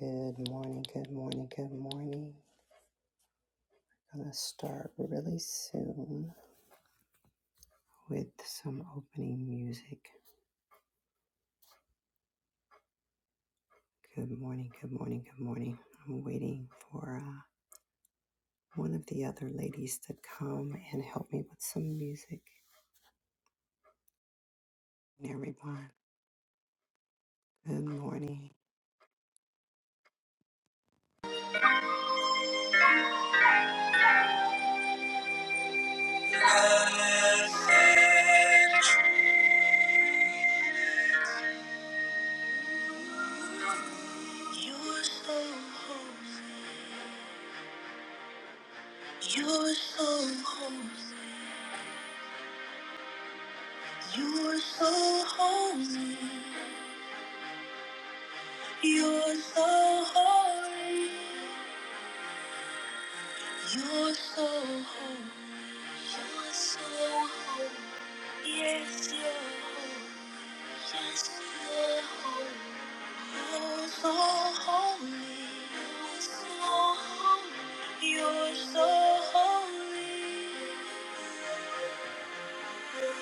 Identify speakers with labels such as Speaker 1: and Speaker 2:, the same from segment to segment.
Speaker 1: Good morning, good morning, good morning. Gonna start really soon with some opening music. Good morning, good morning, good morning. I'm waiting for uh, one of the other ladies to come and help me with some music. Everyone, good morning.
Speaker 2: You're so holy. You're so holy. You're so holy. You're so holy. You're so holy. You're so holy. Yes, you're so holy. Yes, you're so holy. You're so holy. You're so holy. You're so holy. Holy,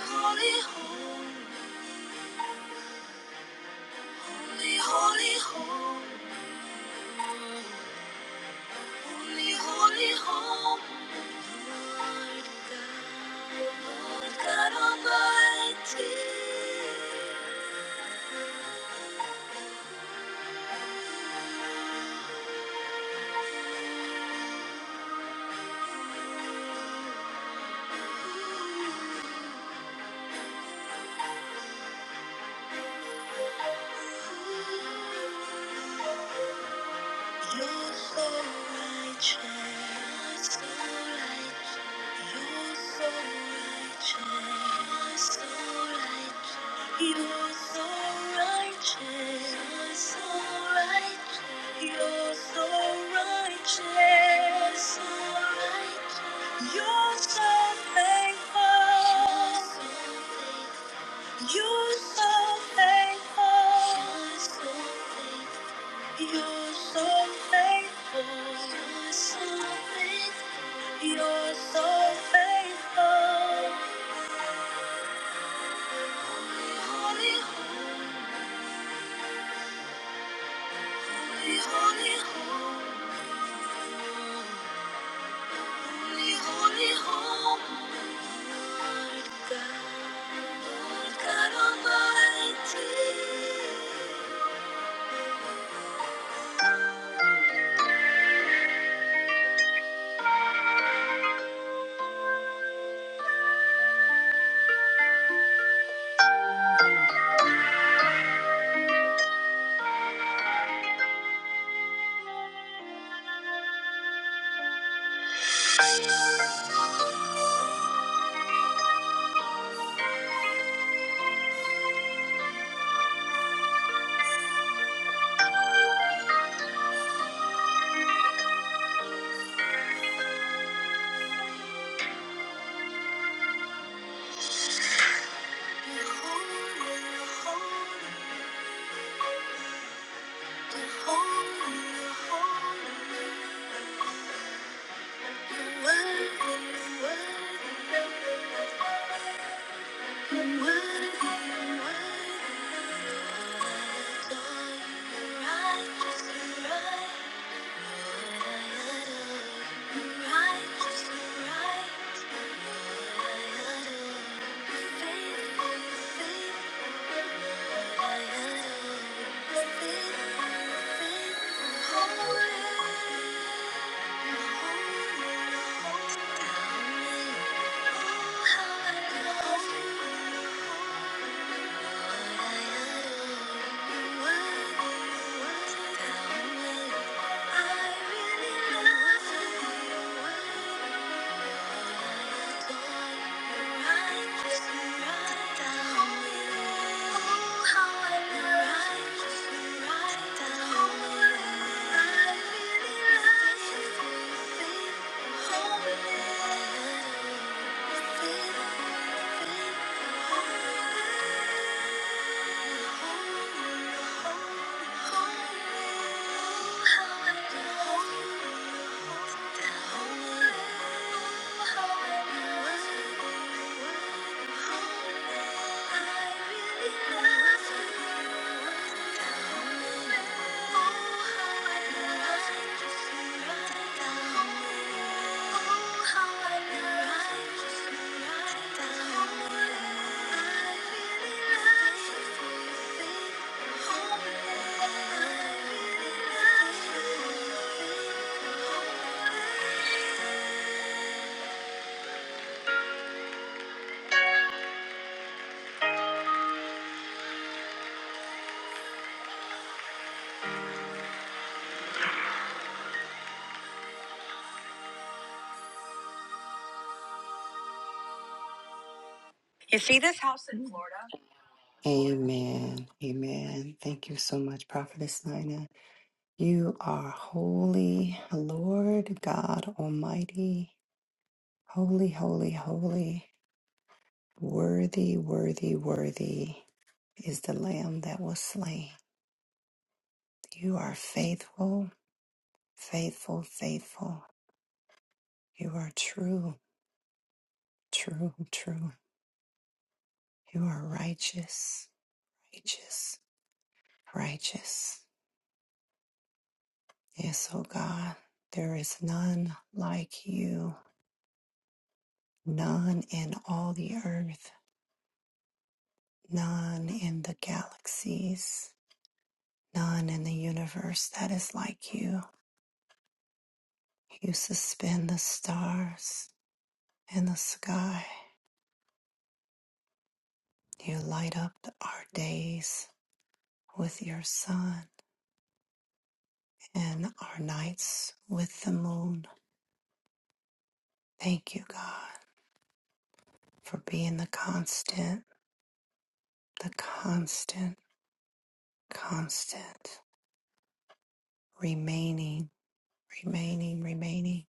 Speaker 2: holy, holy, holy, holy, holy, holy, God Almighty. You're so righteous, so You're so righteous, so You're so righteous, so You're so righteous, so so You're so faithful. You're so faithful. You're so faithful. You're so faithful. You're so faithful. Holy, holy, holy, holy, holy, holy, Lord God, Lord God Almighty. You're holy, you're holy, you're holy, you're holy. You're worthy, you're worthy. Thank you. Thank you. Thank you.
Speaker 1: Amen. Amen. Thank you so much, Prophetess Nina. You are holy, Lord God Almighty. Holy, holy, holy. Worthy, worthy, worthy is the Lamb that was slain. You are faithful, faithful, faithful. You are true, true, true. You are righteous, righteous, righteous. Yes, O God, there is none like you, none in all the earth, none in the galaxies, none in the universe that is like you. You suspend the stars in the sky. You light up our days with your sun and our nights with the moon. Thank you, God, for being the constant, the constant, constant, remaining, remaining, remaining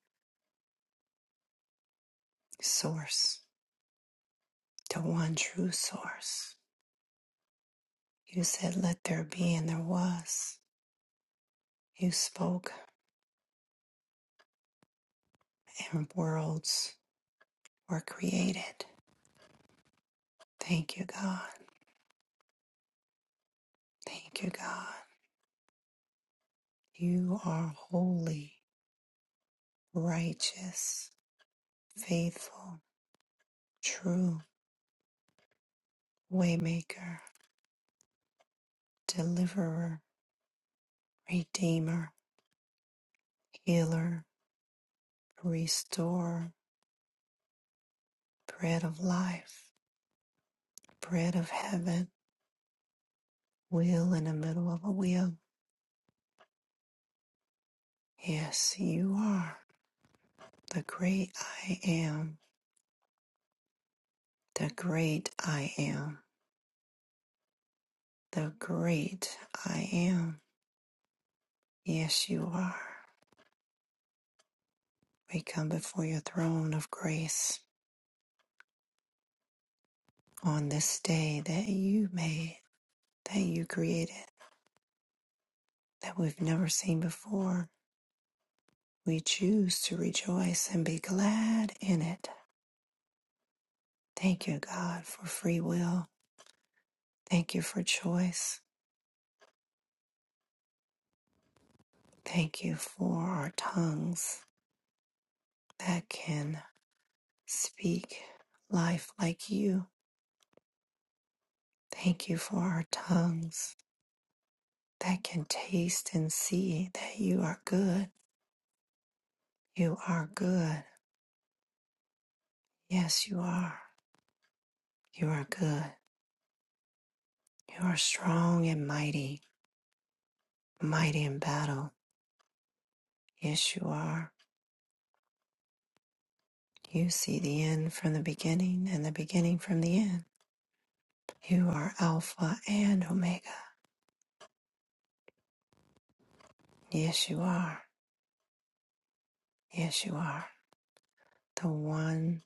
Speaker 1: source, the one true source. You said, Let there be, and there was. You spoke, and worlds were created. Thank you, God. Thank you, God. You are holy. righteous, faithful, true, waymaker, deliverer, redeemer, healer, restorer, bread of life, bread of heaven, wheel in the middle of a wheel. Yes, you are the great I am, the great I am, the great I am. Yes, you are. We come before your throne of grace on this day that you made that you created. that we've never seen before. We choose to rejoice and be glad in it. Thank you, God, for free will. Thank you for choice. Thank you for our tongues that can speak life like you. Thank you for our tongues that can taste and see that you are good. You are good. Yes, you are. You are good. You are strong and mighty, mighty in battle. Yes, you are. You see the end from the beginning and the beginning from the end. You are Alpha and Omega. Yes, you are. Yes, you are. The one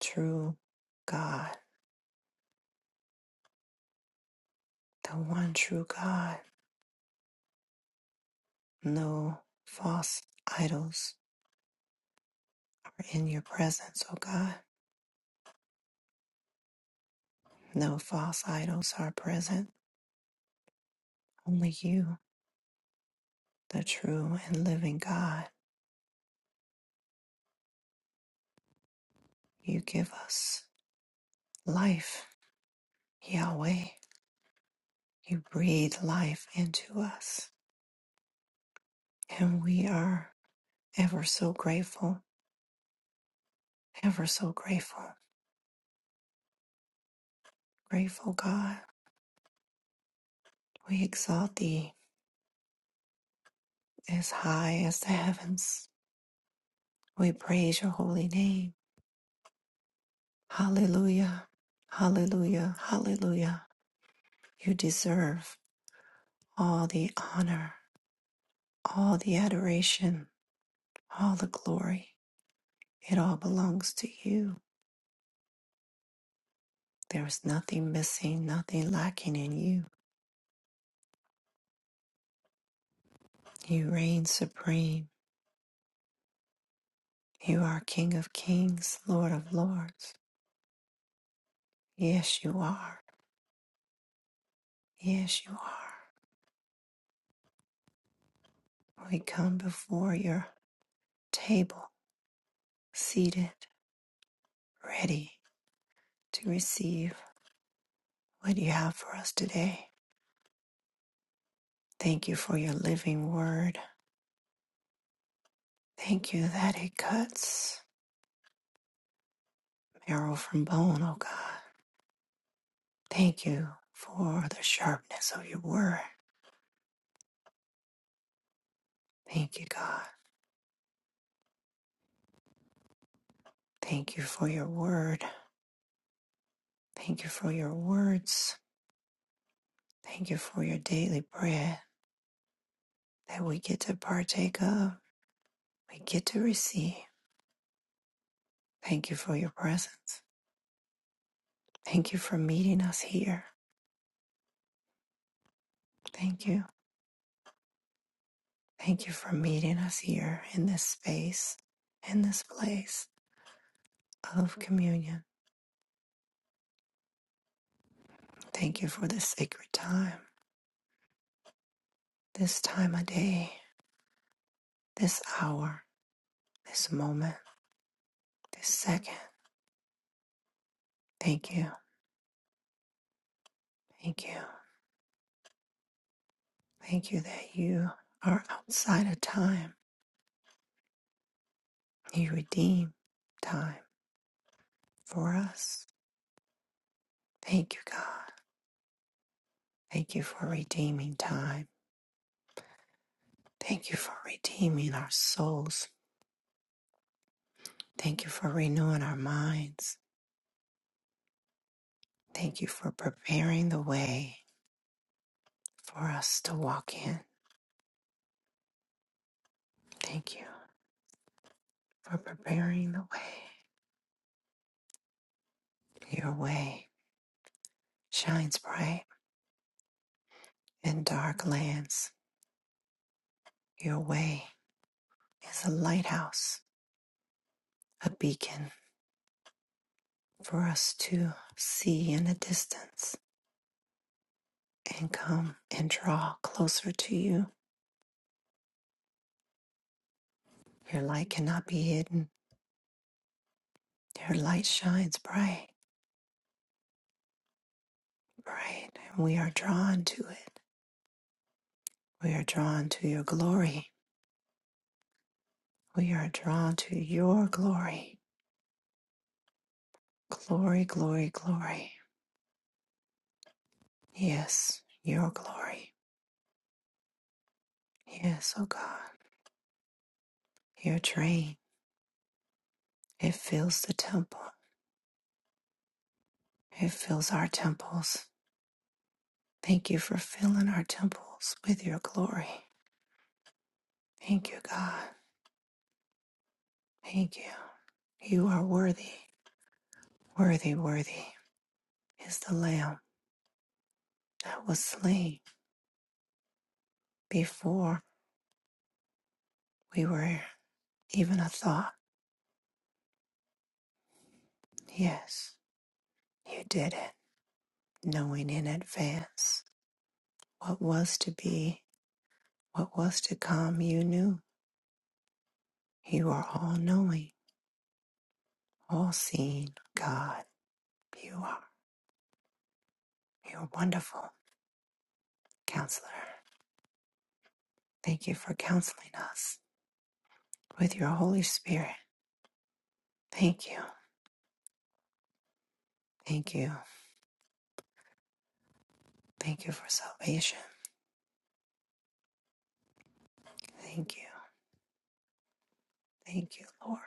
Speaker 1: true God. The one true God. No false idols are in your presence, O God. No false idols are present. Only you, the true and living God. You give us life, Yahweh. You breathe life into us. And we are. Ever so grateful, ever so grateful, grateful God. We exalt thee as high as the heavens. We praise your holy name. Hallelujah, hallelujah, hallelujah. You deserve all the honor, all the adoration, all the glory. It all belongs to you. There is nothing missing, nothing lacking in you. You reign supreme. You are King of kings, Lord of lords. Yes, you are. Yes, you are. We come before your table, seated, ready to receive what you have for us today. Thank you for your living word. Thank you that it cuts marrow from bone, oh God. Thank you for the sharpness of your word. Thank you, God. Thank you for your word. Thank you for your words. Thank you for your daily bread that we get to partake of, we get to receive. Thank you for your presence. Thank you for meeting us here. Thank you. Thank you for meeting us here in this space, in this place of communion. Thank you for this sacred time, this time of day, this hour, this moment, this second. Thank you. Thank you. Thank you that you are outside of time. You redeem time for us. Thank you, God. Thank you for redeeming time. Thank you for redeeming our souls Thank you for renewing our minds. Thank you for preparing the way for us to walk in. Thank you for preparing the way. Your way shines bright in dark lands. Your way is a lighthouse, a beacon for us to see in the distance and come and draw closer to you. Your light cannot be hidden. Your light shines bright, bright, and we are drawn to it. We are drawn to your glory We are drawn to your glory. Glory, glory, glory. Yes, your glory. Yes, oh God. Your train. It fills the temple. It fills our temples. Thank you for filling our temples with your glory. Thank you, God. Thank you. You are worthy. Worthy, worthy is the Lamb that was slain before we were even a thought. Yes, you did it, knowing in advance. What was to be, what was to come, you knew. You are all knowing, all seeing God. You are. You are wonderful, counselor. Thank you for counseling us with your Holy Spirit. Thank you. Thank you. Thank you for salvation. Thank you. Thank you, Lord.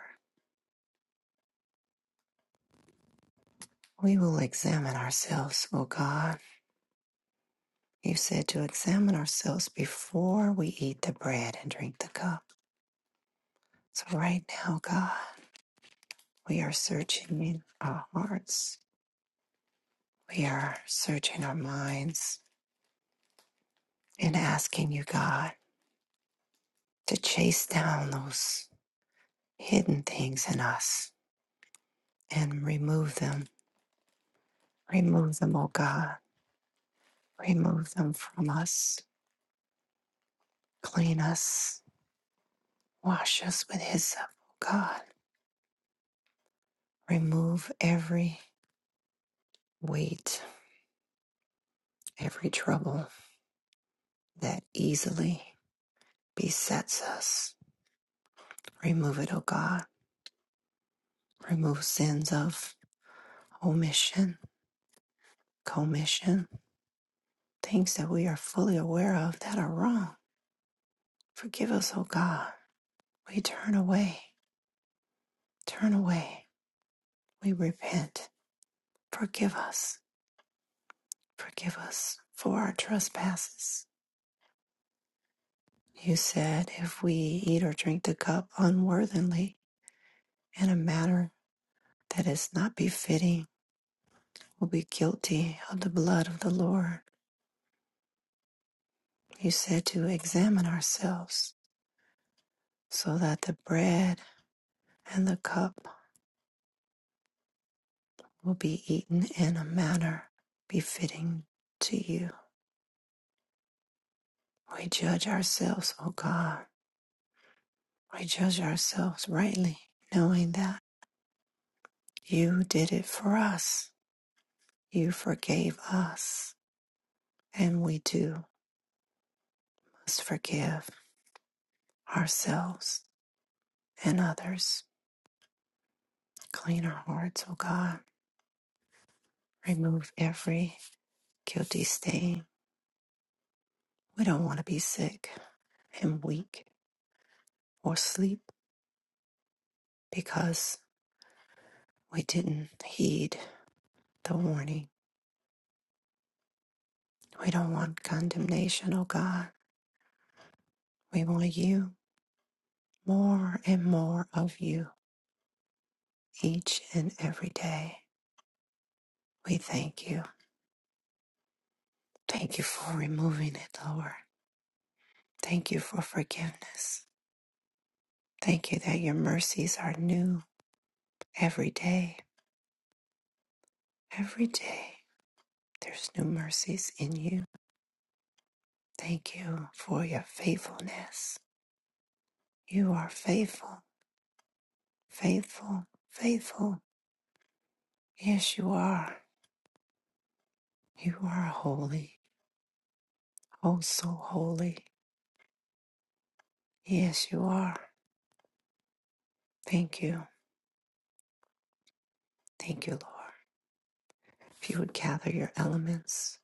Speaker 1: We will examine ourselves, O God. You said to examine ourselves before we eat the bread and drink the cup. So right now, God, we are searching in our hearts We are searching our minds and asking you, God, to chase down those hidden things in us and remove them. Remove them, O God. Remove them from us. Clean us. Wash us with hyssop, O God. Remove every weight, every trouble that easily besets us. Remove it, O God. Remove sins of omission, commission. things that we are fully aware of that are wrong. Forgive us, O God. We turn away, turn away. We repent. Forgive us, forgive us for our trespasses. You said if we eat or drink the cup unworthily in a manner that is not befitting, we'll be guilty of the blood of the Lord. You said to examine ourselves so that the bread and the cup will be eaten in a manner befitting to you. We judge ourselves, O God. We judge ourselves rightly, knowing that you did it for us. You forgave us, and we too must forgive ourselves and others. Clean our hearts, O God. Remove every guilty stain. We don't want to be sick and weak or sleep because we didn't heed the warning We don't want condemnation, oh God. We want you more and more of you each and every day. We thank you. Thank you for removing it, Lord. Thank you for forgiveness. Thank you that your mercies are new every day. Every day, there's new mercies in you. Thank you for your faithfulness. You are faithful, faithful, faithful. Yes, you are. You are holy, oh, so holy. Yes, you are. Thank you. Thank you, Lord. If you would gather your elements,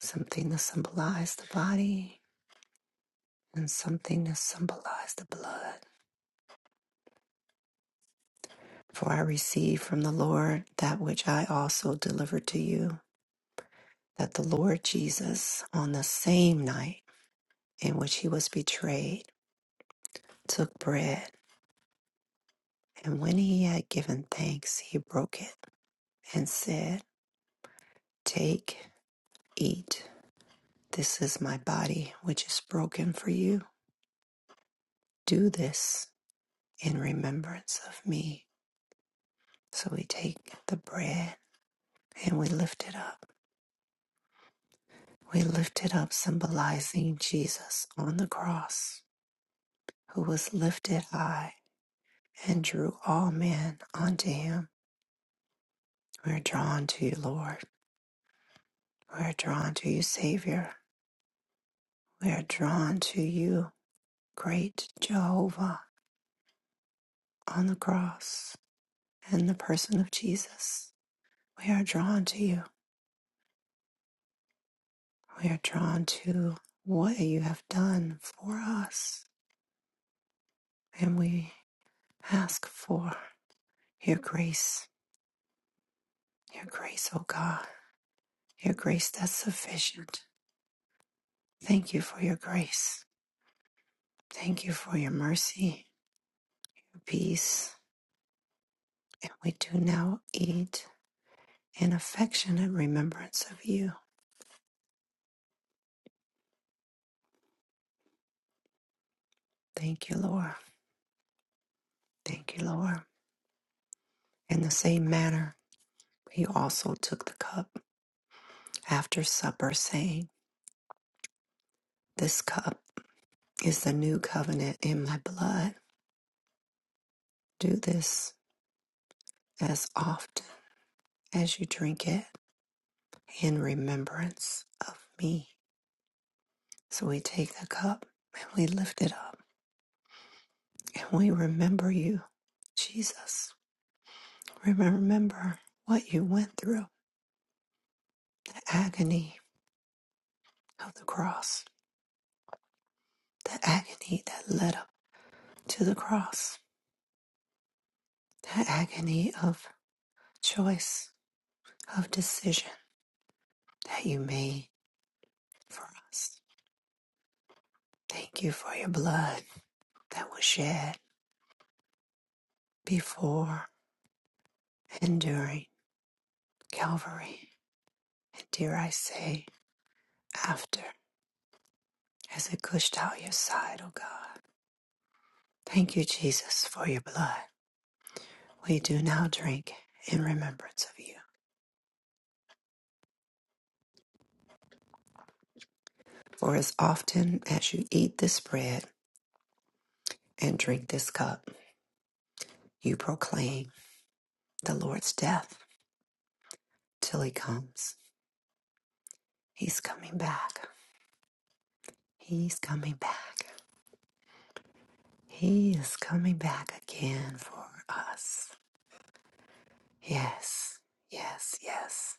Speaker 1: something to symbolize the body and something to symbolize the blood. For I receive from the Lord that which I also delivered to you, that the Lord Jesus, on the same night in which he was betrayed, took bread, and when he had given thanks, he broke it and said, Take, eat. This is my body, which is broken for you. Do this in remembrance of me. So we take the bread and we lift it up. We lift it up, symbolizing Jesus on the cross, who was lifted high and drew all men unto him. We are drawn to you, Lord. We are drawn to you, Savior. We are drawn to you, great Jehovah, on the cross and the person of Jesus. We are drawn to you. We are drawn to what you have done for us, and we ask for your grace, your grace, O God, your grace that's sufficient. Thank you for your grace. Thank you for your mercy, your peace. And we do now eat in affectionate remembrance of you. Thank you, Lord. Thank you, Lord. In the same manner, he also took the cup after supper, saying, This cup. Is the new covenant in my blood. Do this as often as you drink it in remembrance of me. So we take the cup and we lift it up and we remember you, Jesus. remember what you went through, the agony of the cross, the agony that led up to the cross, the agony of choice, of decision that you made for us. Thank you for your blood. that was shed before and during Calvary, and dare I say, after, as it gushed out your side, O God. Thank you, Jesus, for your blood. We do now drink in remembrance of you. For as often as you eat this bread and drink this cup, you proclaim the Lord's death till he comes. He's coming back. He's coming back. He is coming back again for us. Yes, yes, yes.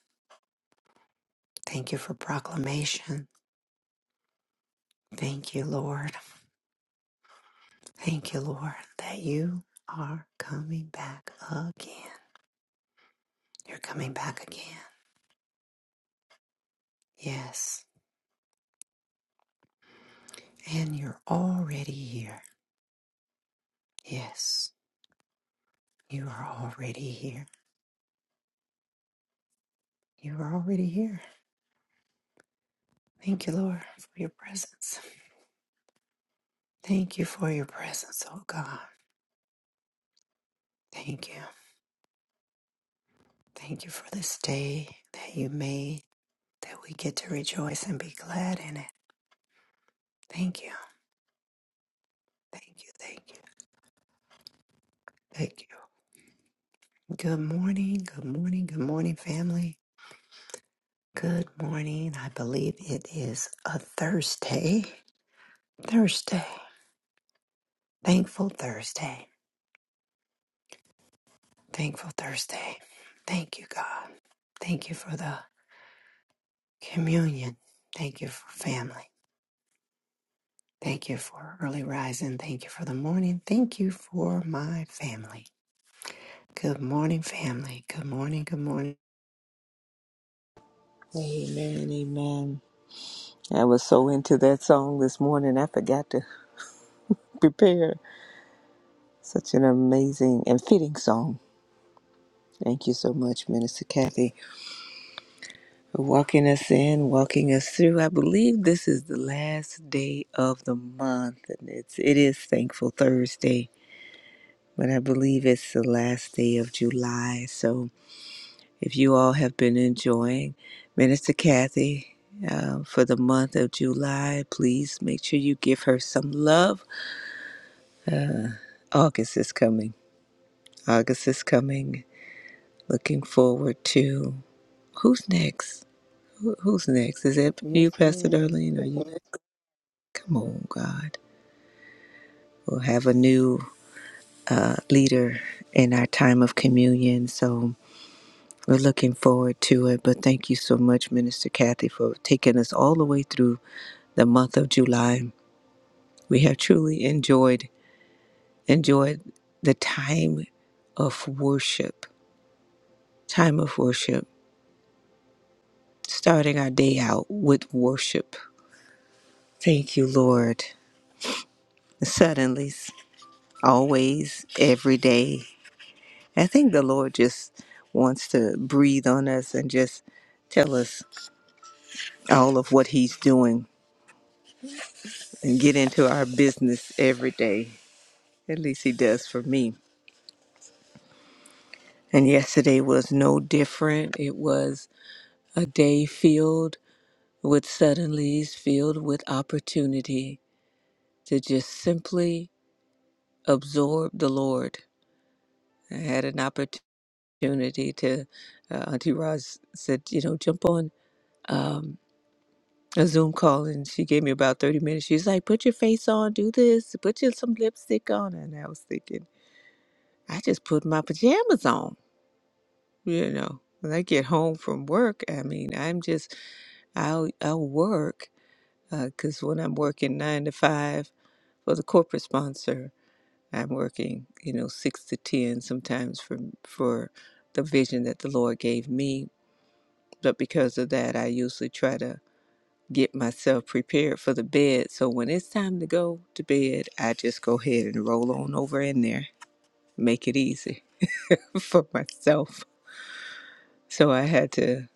Speaker 1: Thank you for proclamation. Thank you, Lord. Thank you, Lord, that you are coming back again. You're coming back again. Yes. And you're already here. Yes, you are already here. You are already here. Thank you, Lord, for your presence. Thank you for your presence, oh God. Thank you. Thank you for this day that you made, that we get to rejoice and be glad in it. Thank you. Thank you, thank you, thank you. Good morning, good morning, good morning, family. Good morning. I believe it is a Thursday. Thursday. Thankful Thursday. Thankful Thursday. Thank you, God. Thank you for the communion. Thank you for family. Thank you for early rising. Thank you for the morning. Thank you for my family. Good morning, family. Good morning, good morning.
Speaker 2: Amen, amen. I was so into that song this morning, I forgot to prepare such an amazing and fitting song. Thank you so much, Minister Kathy, for walking us in, walking us through. I believe this is the last day of the month, and it's it is Thankful Thursday, but I believe it's the last day of July. So, if you all have been enjoying Minister Kathy uh, for the month of July, please make sure you give her some love. August is coming. August is coming. Looking forward to who's next. Who's next? Is it you,
Speaker 3: Yes,
Speaker 2: Pastor
Speaker 3: ma'am.
Speaker 2: Darlene? Are you next? Come on, God. We'll have a new uh, leader in our time of communion. So we're looking forward to it. But thank you so much, Minister Kathy, for taking us all the way through the month of July. We have truly enjoyed enjoyed the time of worship. Time of worship. Starting our day out with worship. Thank you, Lord. Suddenly, always, every day. I think the Lord just wants to breathe on us and just tell us all of what He's doing and get into our business every day. At least He does for me. And yesterday was no different. It was a day filled with suddenlies, filled with opportunity to just simply absorb the Lord. I had an opportunity to, uh, Auntie Roz said, you know, jump on. Um, a Zoom call and she gave me about 30 minutes. She's like, put your face on, do this, put your, some lipstick on. And I was thinking, I just put my pajamas on, you know. When I get home from work, I mean, I'm just, I'll, I'll work because when I'm working nine to five for the corporate sponsor, I'm working, you know, six to 10 sometimes for, for the vision that the Lord gave me. But because of that, I usually try to get myself prepared for the bed. So when it's time to go to bed, I just go ahead and roll on over in there, make it easy for myself. So I had to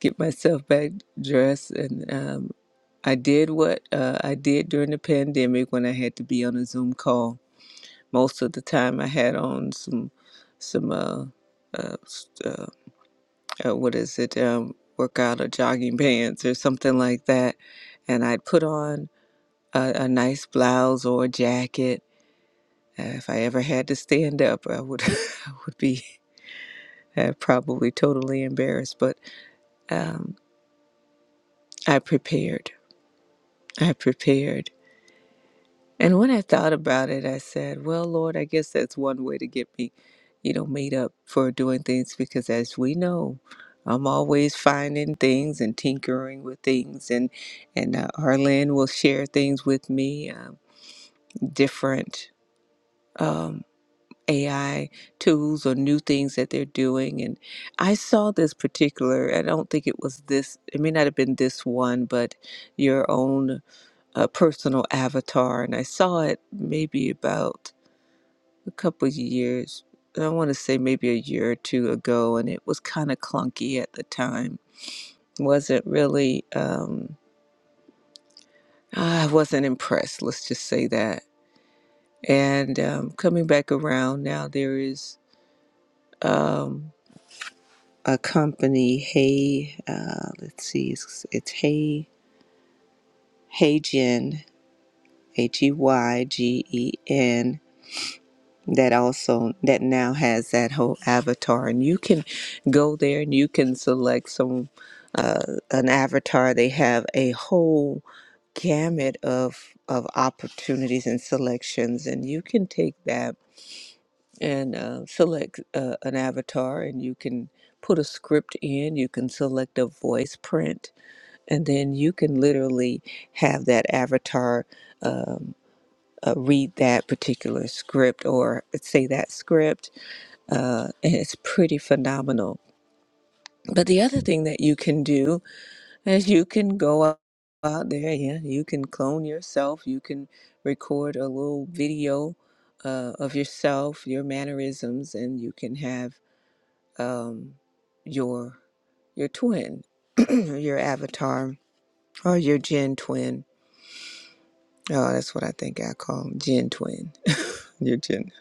Speaker 2: get myself back dressed and um, I did what uh, I did during the pandemic when I had to be on a Zoom call. Most of the time, I had on some some uh, uh, s- uh, uh, what is it um, workout or jogging pants or something like that, and I'd put on a, a nice blouse or a jacket. Uh, if I ever had to stand up, I would I would be uh, probably totally embarrassed. But um, I prepared. I prepared. And when I thought about it, I said, "Well, Lord, I guess that's one way to get me, you know, made up for doing things because, as we know." I'm always finding things and tinkering with things, and and uh, Arlen will share things with me, uh, different. Um, AI tools or new things that they're doing. And I saw this particular, I don't think it was this, it may not have been this one, but your own uh, personal avatar. And I saw it maybe about a couple of years, I want to say maybe a year or two ago, and it was kind of clunky at the time. Wasn't really, um, I wasn't impressed, let's just say that. And um, coming back around now, there is. Um, a company, Hey, uh, let's see, it's, it's Hey, Heygen, H E Y G E N, that also, that now has that whole avatar. And you can go there and you can select some, uh, an avatar. They have a whole gamut of, of opportunities and selections. And you can take that and uh, select uh, an avatar and you can put a script in. You can select a voice print and then you can literally have that avatar um, uh, read that particular script or say that script uh, and it's pretty phenomenal but the other thing that you can do is you can go out out there yeah you can clone yourself you can record a little video uh, of yourself your mannerisms and you can have um, your your twin your avatar or your gen twin Oh, that's what I think I call 'em, gin twin. Your gin.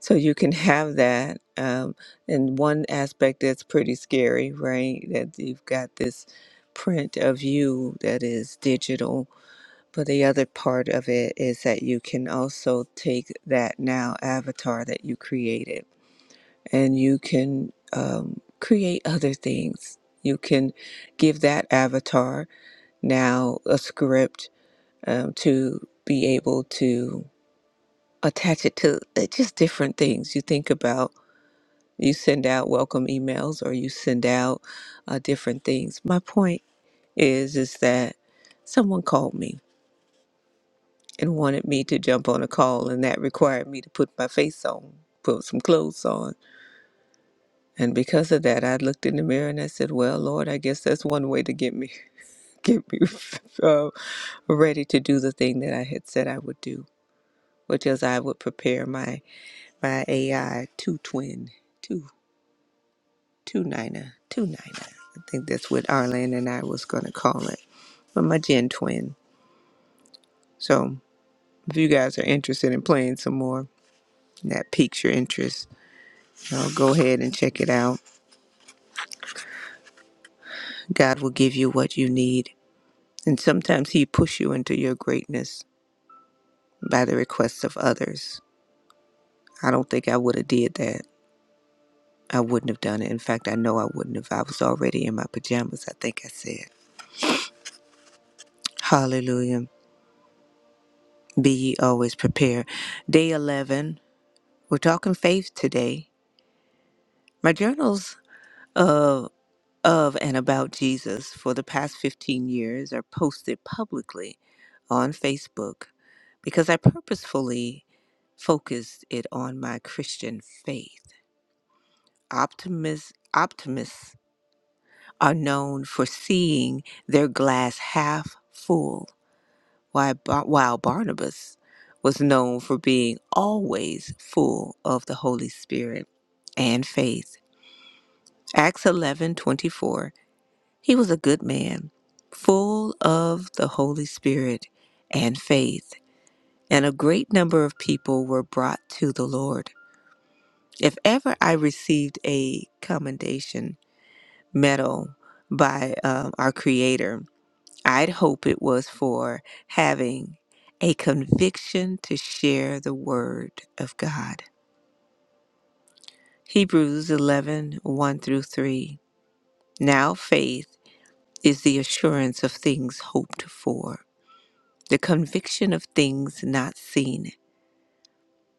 Speaker 2: So you can have that. Um, and one aspect that's pretty scary, right? That you've got this print of you that is digital. But the other part of it is that you can also take that now avatar that you created and you can um, create other things. You can give that avatar now a script um, to be able to attach it to uh, just different things you think about you send out welcome emails or you send out uh, different things my point is is that someone called me and wanted me to jump on a call and that required me to put my face on put some clothes on and because of that i looked in the mirror and i said well lord i guess that's one way to get me get me uh, ready to do the thing that i had said i would do which is i would prepare my my ai to twin two niner, two niner. I think that's what Arlene and I was gonna call it. But my gen twin. So if you guys are interested in playing some more, and that piques your interest, you know, go ahead and check it out. God will give you what you need. And sometimes he push you into your greatness by the request of others. I don't think I would have did that. I wouldn't have done it. In fact, I know I wouldn't have. I was already in my pajamas, I think I said. Hallelujah. Be ye always prepared. Day 11. We're talking faith today. My journals of of and about Jesus for the past 15 years are posted publicly on Facebook because I purposefully focused it on my Christian faith. Optimists optimists are known for seeing their glass half full, while Ba- while Barnabas was known for being always full of the Holy Spirit and faith. Acts eleven twenty four. He was a good man, full of the Holy Spirit and faith, and a great number of people were brought to the Lord. If ever I received a commendation medal by um, our Creator, I'd hope it was for having a conviction to share the Word of God. Hebrews eleven one through 3. Now faith is the assurance of things hoped for, the conviction of things not seen.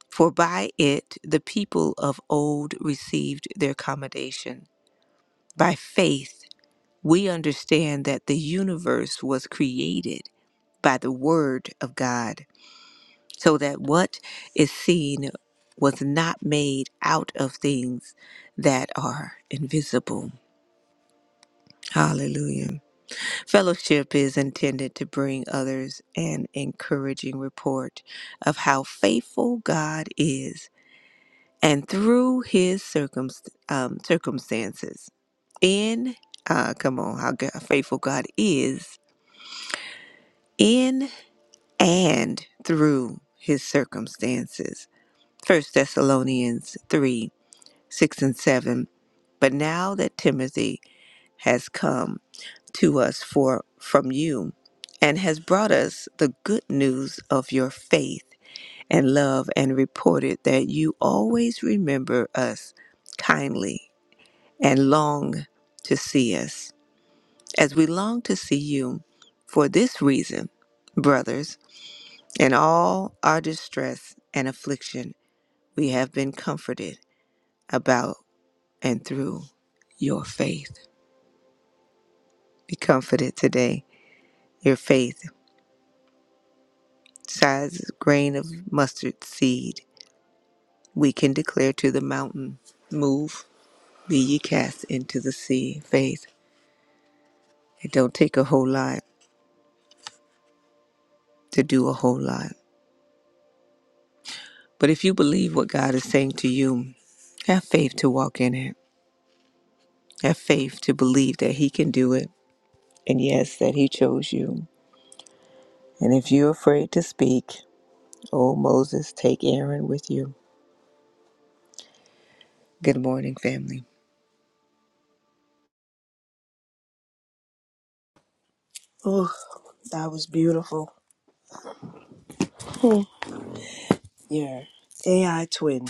Speaker 2: For by it the people of old received their commendation. By faith, we understand that the universe was created by the Word of God, so that what is seen was not made out of things that are invisible. Hallelujah. Fellowship is intended to bring others an encouraging report of how faithful God is and through his circumst- um, circumstances. In, uh, come on, how God, faithful God is in and through his circumstances. First Thessalonians 3 6 and 7. But now that Timothy has come, to us for from you and has brought us the good news of your faith and love and reported that you always remember us kindly and long to see us as we long to see you for this reason brothers in all our distress and affliction we have been comforted about and through your faith be comforted today your faith size grain of mustard seed, we can declare to the mountain, Move, be ye cast into the sea. Faith. It don't take a whole lot to do a whole lot. But if you believe what God is saying to you, have faith to walk in it. Have faith to believe that He can do it. And yes, that He chose you. And if you're afraid to speak, oh Moses, take Aaron with you. Good morning, family.
Speaker 3: Oh, that was beautiful. Your AI twin,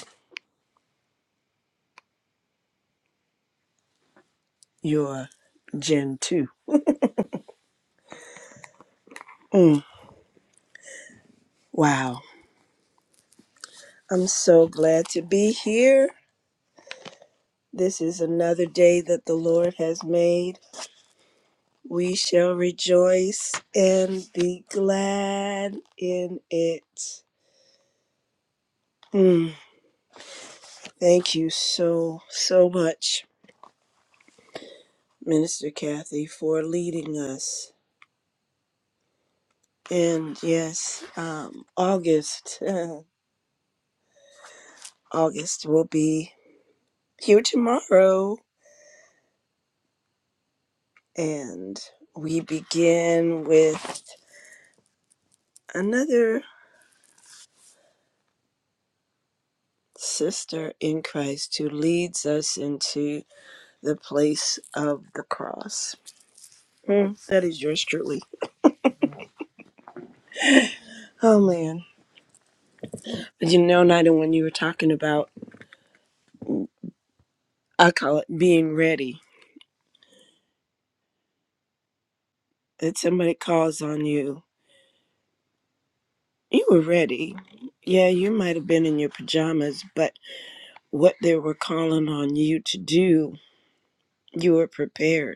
Speaker 3: your Gen 2. Mm, wow. I'm so glad to be here. This is another day that the Lord has made. We shall rejoice and be glad in it. Mm, thank you so, so much, Minister Kathy, for leading us. And yes, um, August. August will be here tomorrow. And we begin with another sister in Christ who leads us into the place of the cross. Hmm, that is yours truly. Oh, man. You know, Nida, when you were talking about, I call it being ready, that somebody calls on you. You were ready. Yeah, you might have been in your pajamas, but what they were calling on you to do, you were prepared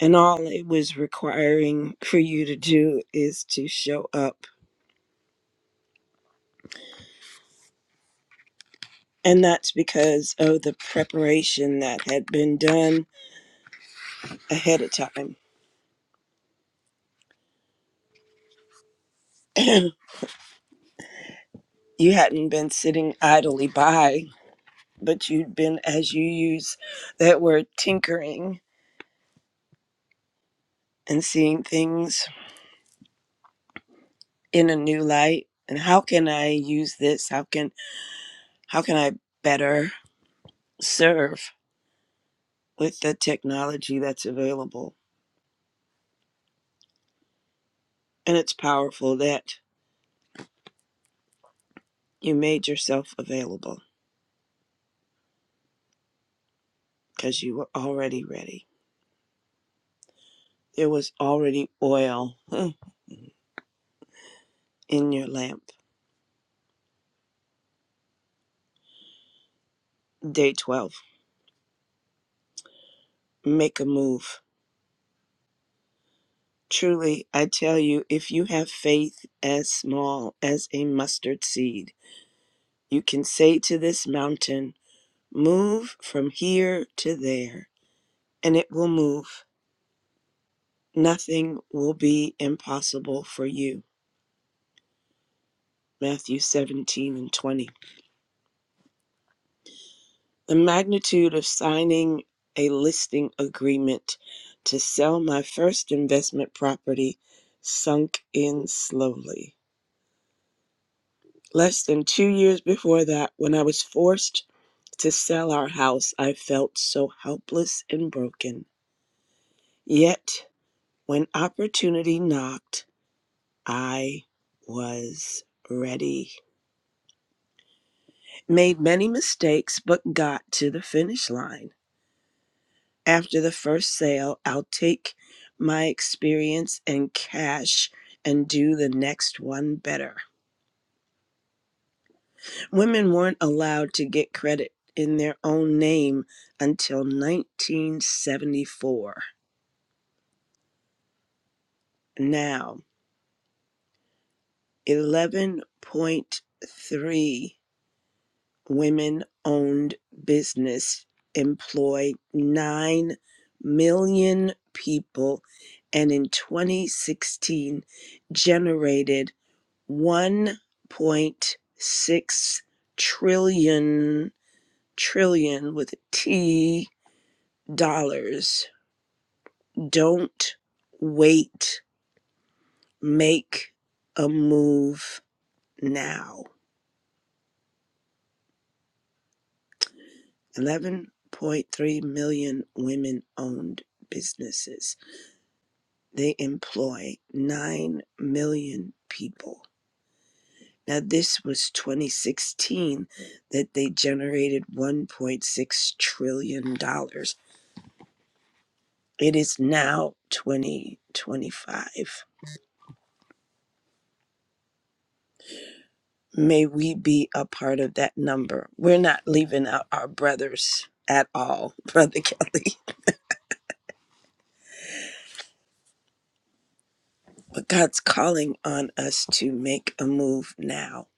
Speaker 3: and all it was requiring for you to do is to show up. And that's because of the preparation that had been done ahead of time. you hadn't been sitting idly by, but you'd been, as you use that word, tinkering and seeing things in a new light. And how can I use this? How can how can I better serve with the technology that's available? And it's powerful that You made yourself available because you were already ready. There was already oil huh, in your lamp. Day 12. Make a move. Truly, I tell you, if you have faith as small as a mustard seed, you can say to this mountain, Move from here to there, and it will move. Nothing will be impossible for you. Matthew 17 and 20. The magnitude of signing a listing agreement to sell my first investment property sunk in slowly. Less than two years before that, when I was forced to sell our house, I felt so helpless and broken. Yet, when opportunity knocked, I was ready. Made many mistakes, but got to the finish line After the first sale, I'll take my experience and cash and do the next one better. Women weren't allowed to get credit in their own name until 1974. Now, 11.3 women owned business employ 9 million people and in 2016 generated 1.6 trillion trillion with a T dollars. Don't wait. Make a move now. 11.3 million women owned businesses. They employ 9 million people. Now, this was 2016 that they generated $1.6 trillion. dollars. It is now 2025. May we be a part of that number. We're not leaving out our brothers at all, Brother Kelly. But God's calling on us to make a move now.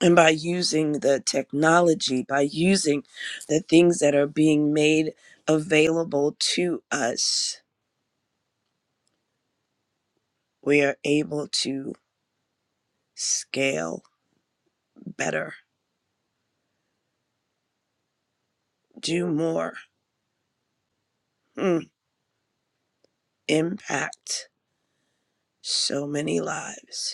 Speaker 3: And by using the technology, by using the things that are being made available to us, we are able to scale better, do more, mm, impact so many lives.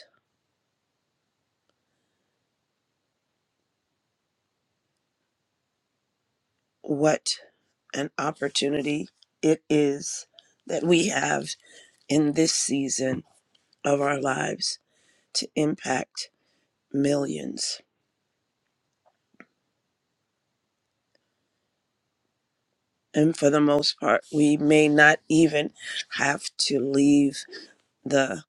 Speaker 3: what an opportunity it is that we have in this season of our lives to impact millions. And for the most part, we may not even have to leave the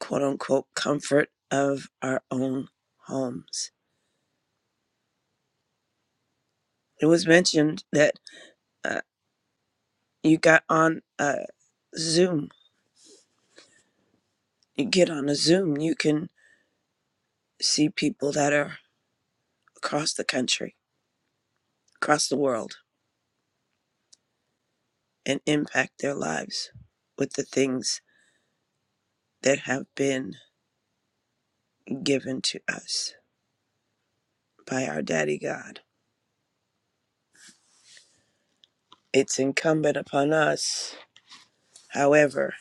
Speaker 3: quote unquote comfort of our own homes. It was mentioned that uh, you got on a Zoom. You get on a Zoom, you can see people that are across the country, across the world and impact their lives with the things that have been given to us by our daddy God. It's incumbent upon us, however,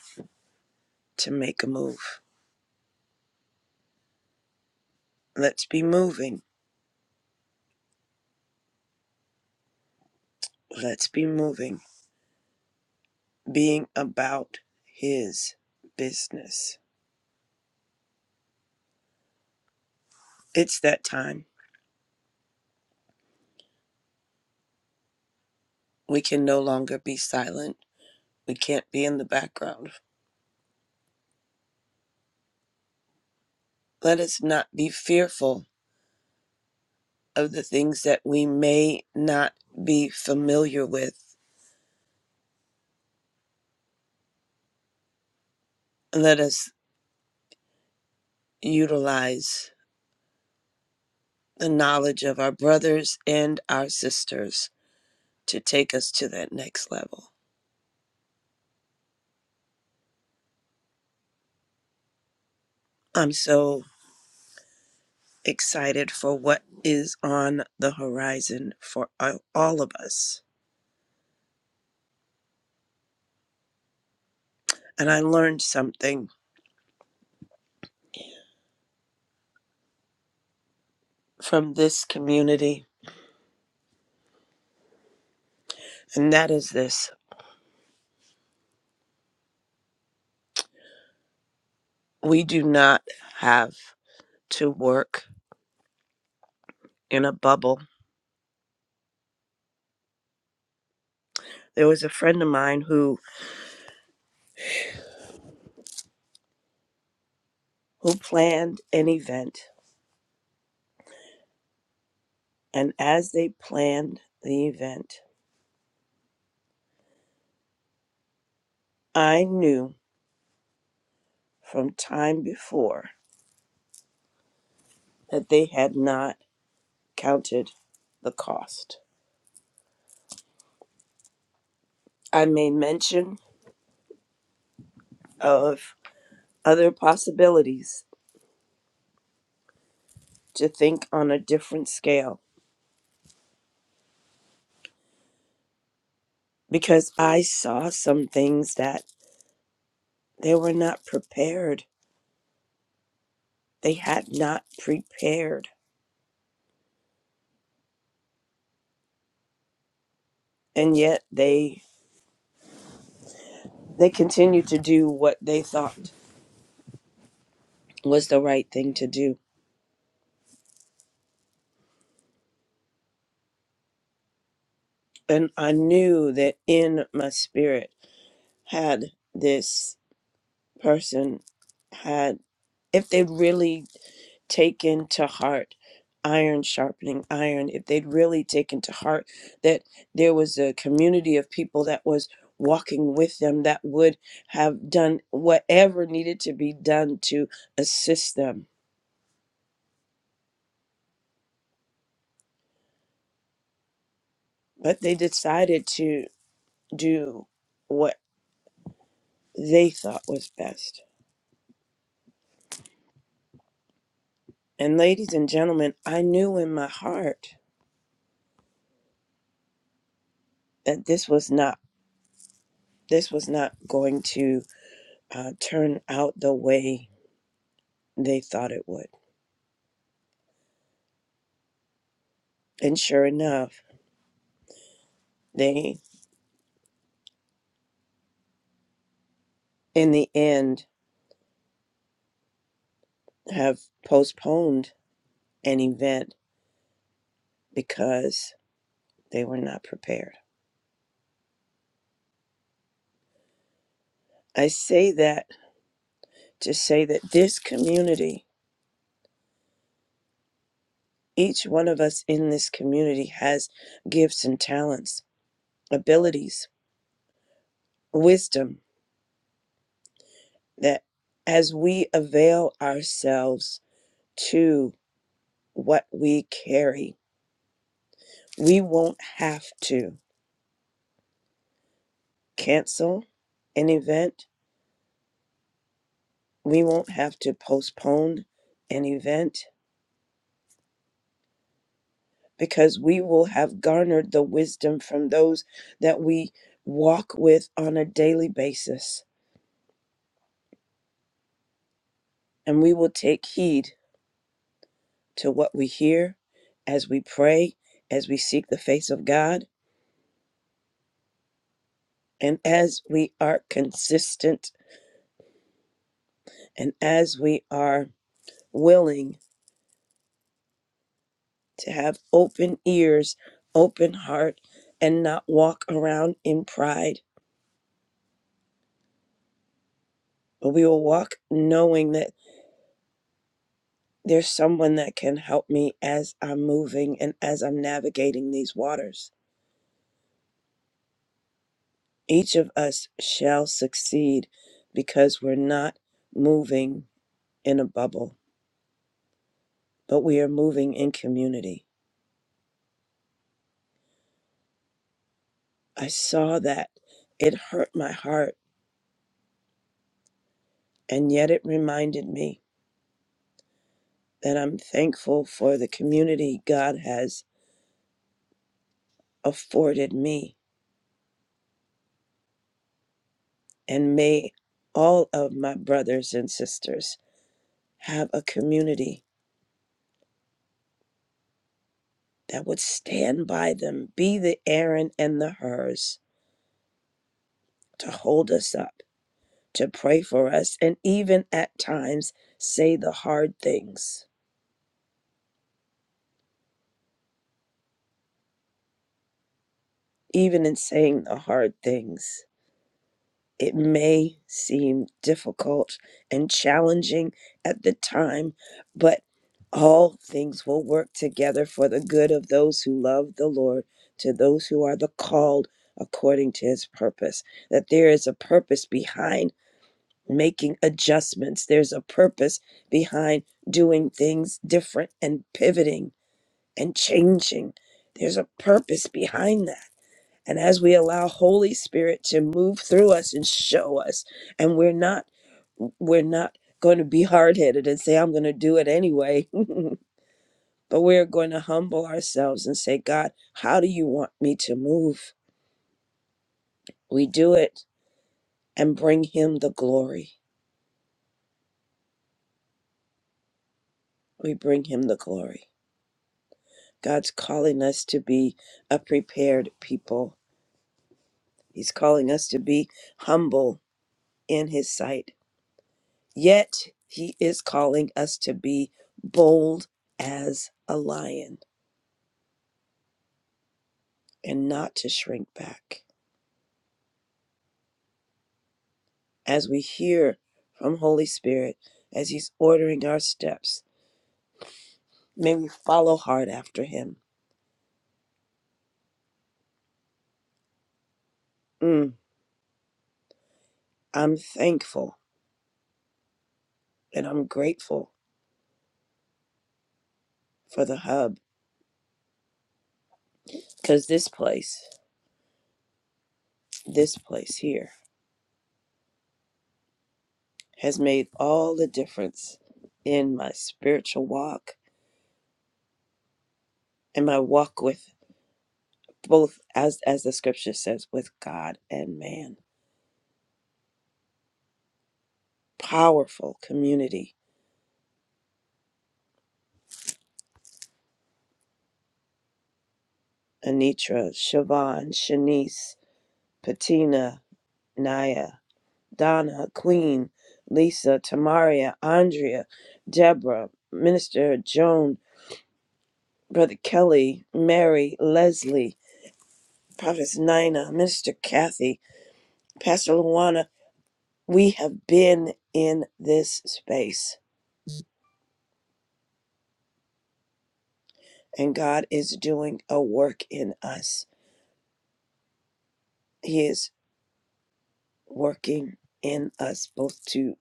Speaker 3: to make a move. Let's be moving. Let's be moving, being about his business. It's that time. We can no longer be silent. We can't be in the background. Let us not be fearful of the things that we may not be familiar with. Let us utilize the knowledge of our brothers and our sisters to take us to that next level. I'm so excited for what is on the horizon for all all of us. And I learned something from this community, and that is this we do not have to work in a bubble. There was a friend of mine who who planned an event, and as they planned the event, I knew from time before that they had not counted the cost. I made mention of other possibilities to think on a different scale because I saw some things that they were not prepared. They had not prepared. And yet they they continued to do what they thought was the right thing to do. And I knew that in my spirit had this person had. if they'd really taken to heart iron sharpening iron, if they'd really taken to heart that there was a community of people that was walking with them that would have done whatever needed to be done to assist them. But they decided to do what they thought was best. And ladies and gentlemen, I knew in my heart that this was not this was not going to uh, turn out the way they thought it would And sure enough, they, in the end, have postponed an event because they were not prepared. I say that to say that this community, each one of us in this community has gifts and talents, abilities, wisdom that as we avail ourselves to what we carry, we won't have to cancel an event we won't have to postpone an event because we will have garnered the wisdom from those that we walk with on a daily basis. And we will take heed to what we hear as we pray, as we seek the face of God, and as we are consistent and as we are willing to have open ears, open heart, and not walk around in pride. But we will walk knowing that There's someone that can help me as I'm moving and as I'm navigating these waters. Each of us shall succeed because we're not moving in a bubble, but we are moving in community. I saw that. It hurt my heart, and yet it reminded me that I'm thankful for the community God has afforded me. And may all of my brothers and sisters have a community that would stand by them, be the Aaron and the hers, to hold us up, to pray for us, and even at times say the hard things. Even in saying the hard things, it may seem difficult and challenging at the time, but all things will work together for the good of those who love the Lord, to those who are the called according to his purpose. That there is a purpose behind making adjustments. There's a purpose behind doing things different and pivoting and changing. There's a purpose behind that. And as we allow Holy Spirit to move through us and show us, and we're not we're not going to be hard-headed and say I'm going to do it anyway, but we're going to humble ourselves and say, God, how do you want me to move? We do it and bring him the glory. We bring him the glory. God's calling us to be a prepared people. He's calling us to be humble in His sight. Yet, He is calling us to be bold as a lion and not to shrink back. As we hear from Holy Spirit, as He's ordering our steps, may we follow hard after Him. Mm, I'm thankful and I'm grateful for the hub because this place, this place here, has made all the difference in my spiritual walk and my walk with both as as the scripture says with God and man. Powerful community. Anitra, Siobhan, Shanice, Patina, Naya, Donna, Queen, Lisa, Tamaria, Andrea, Deborah, Minister Joan, Brother Kelly, Mary, Leslie, Prophetess Nina, Minister Kathy, Pastor Luana, We have been in this space, and God is doing a work in us. He is working in us both to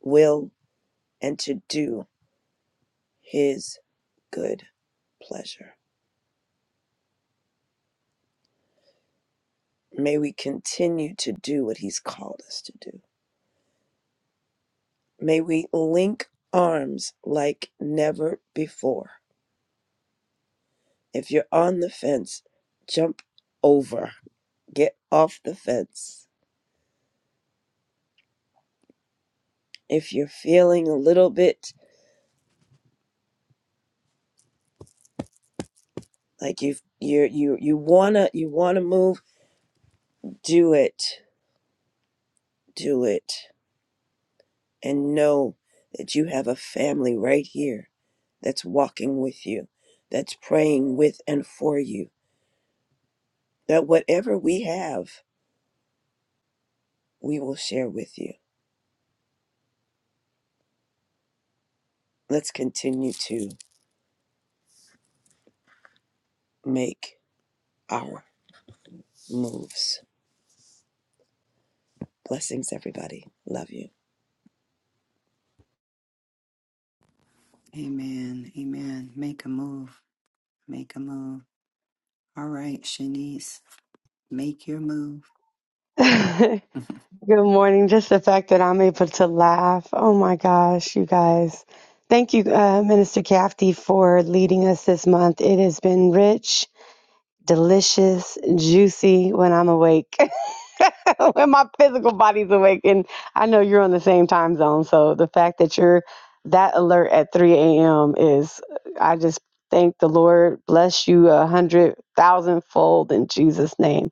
Speaker 3: will and to do His good pleasure. May we continue to do what He's called us to do. May we link arms like never before. If you're on the fence, jump over, get off the fence. If you're feeling a little bit like you've you're you you wanna you wanna move do it do it and know that you have a family right here that's walking with you that's praying with and for you that whatever we have we will share with you let's continue to make our moves blessings everybody love you
Speaker 1: Amen. Amen. Make a move. Make a move. All right, Shanice, make your move.
Speaker 4: Good morning. Just the fact that I'm able to laugh. Oh my gosh, you guys. Thank you, uh, Minister Cafty, for leading us this month. It has been rich, delicious, juicy when I'm awake, when my physical body's awake. And I know you're on the same time zone. So the fact that you're that alert at 3 a.m. is, I just thank the Lord. Bless you a hundred thousand fold in Jesus' name.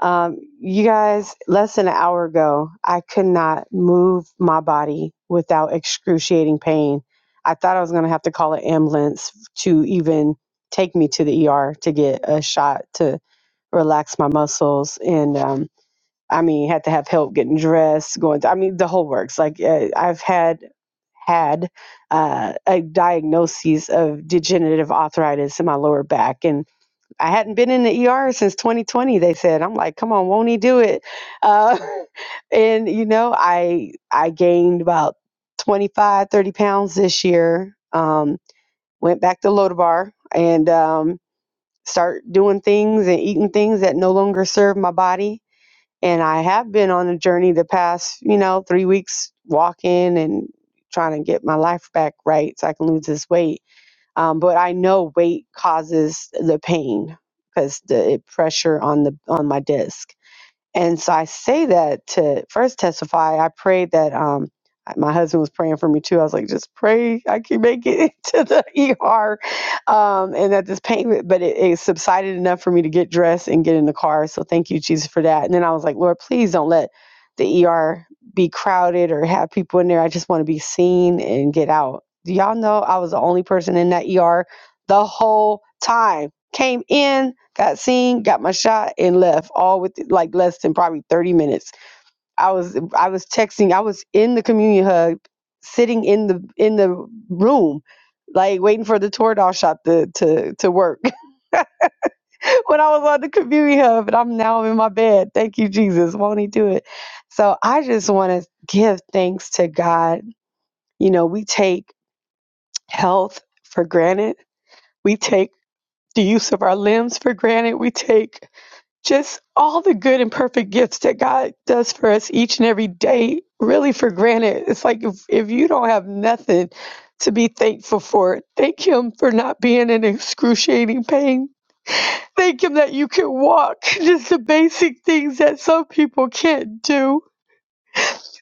Speaker 4: Um, you guys, less than an hour ago, I could not move my body without excruciating pain. I thought I was going to have to call an ambulance to even take me to the ER to get a shot to relax my muscles. And um, I mean, had to have help getting dressed, going, I mean, the whole works. Like, uh, I've had had uh, a diagnosis of degenerative arthritis in my lower back, and I hadn't been in the ER since 2020. They said, I'm like, come on, won't he do it? Uh, and you know, I I gained about 25, 30 pounds this year. Um, went back to Lodabar and um, start doing things and eating things that no longer serve my body. And I have been on a journey the past, you know, three weeks walking and trying to get my life back right so I can lose this weight um, but I know weight causes the pain because the it pressure on the on my disc. And so I say that to first testify. I prayed that um my husband was praying for me too. I was like, just pray I can make it to the ER, um, and that this pain, but it, it subsided enough for me to get dressed and get in the car. So thank you, Jesus, for that. And then I was like, Lord, please don't let the ER be crowded or have people in there. I just want to be seen and get out. Do y'all know I was the only person in that ER the whole time? Came in, got seen, got my shot, and left all with like less than probably 30 minutes. I was I was texting, I was in the communion hub, sitting in the in the room, like waiting for the Toradol shot to to to work when I was on the communion hub, and I'm now in my bed. Thank you, Jesus. Won't he do it? So I just want to give thanks to God. You know, we take health for granted. We take the use of our limbs for granted. We take just all the good and perfect gifts that God does for us each and every day, really for granted. It's like if, if you don't have nothing to be thankful for, thank Him for not being in excruciating pain. Thank Him that you can walk, just the basic things that some people can't do.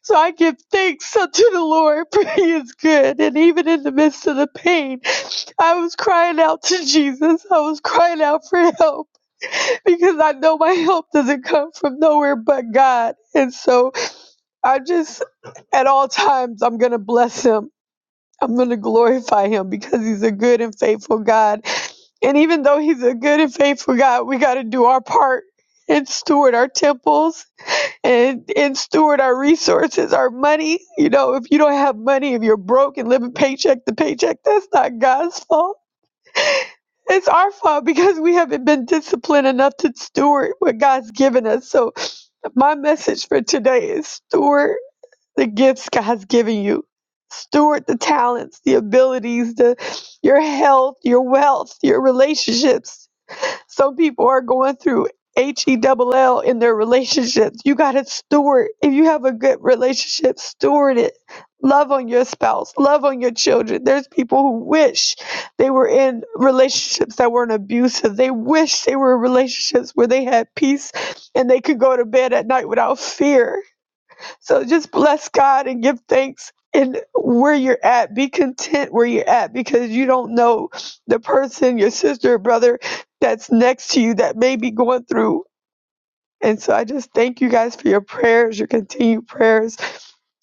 Speaker 4: So I give thanks unto the Lord, for He is good. And even in the midst of the pain, I was crying out to Jesus, I was crying out for help because I know my help doesn't come from nowhere but God. And so I just, at all times, I'm going to bless him. I'm going to glorify him because he's a good and faithful God. And even though he's a good and faithful God, we got to do our part and steward our temples and, and steward our resources, our money. You know, if you don't have money, if you're broke and living paycheck to paycheck, that's not God's fault it's our fault because we haven't been disciplined enough to steward what God's given us. So my message for today is steward the gifts God's given you. Steward the talents, the abilities, the your health, your wealth, your relationships. Some people are going through H E double L in their relationships. You got to steward. If you have a good relationship, steward it. Love on your spouse, love on your children. There's people who wish they were in relationships that weren't abusive. They wish they were in relationships where they had peace and they could go to bed at night without fear. So just bless God and give thanks in where you're at. Be content where you're at because you don't know the person, your sister or brother that's next to you that may be going through. And so I just thank you guys for your prayers, your continued prayers.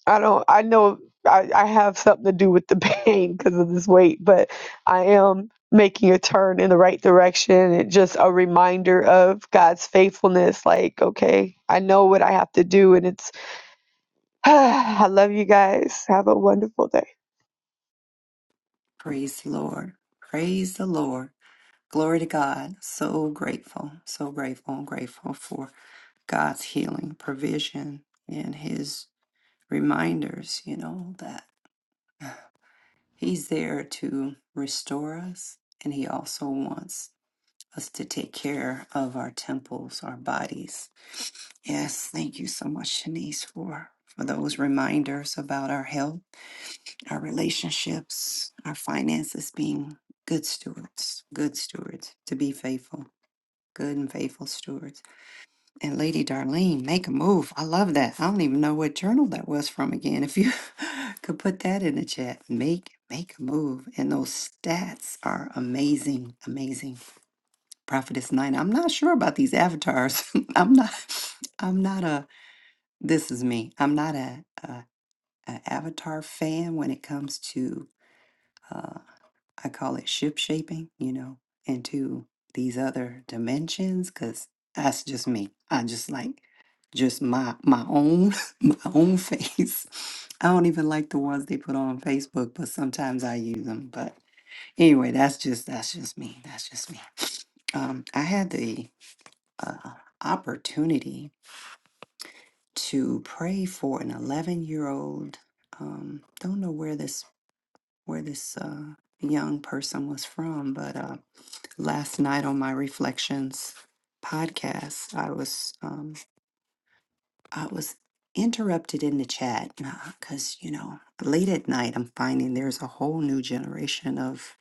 Speaker 4: I don't, I know I, I have something to do with the pain because of this weight, but I am making a turn in the right direction and just a reminder of God's faithfulness. Like, okay, I know what I have to do and it's I love you guys. Have a wonderful day.
Speaker 1: Praise the Lord. Praise the Lord. Glory to God. So grateful, so grateful, and grateful for God's healing, provision, and His reminders, you know, that He's there to restore us, and He also wants us to take care of our temples, our bodies. Yes, thank you so much, Shanice, for, for those reminders about our health our relationships, our finances, being good stewards, good stewards, to be faithful, good and faithful stewards. And Lady Darlene, make a move. I love that. I don't even know what journal that was from again. If you could put that in the chat, make make a move. And those stats are amazing, amazing. Prophetess Nine. I'm not sure about these avatars. I'm not. I'm not a. This is me. I'm not a, a, a avatar fan when it comes to. uh, I call it ship shaping, you know, into these other dimensions because that's just me. I just like just my my own my own face. I don't even like the ones they put on Facebook, but sometimes I use them. But anyway, that's just that's just me. That's just me. Um, I had the uh, opportunity to pray for an 11 year old. Um, don't know where this where this uh, young person was from, but. uh, last night on my reflections podcast i was um i was interrupted in the chat because you know late at night i'm finding there's a whole new generation of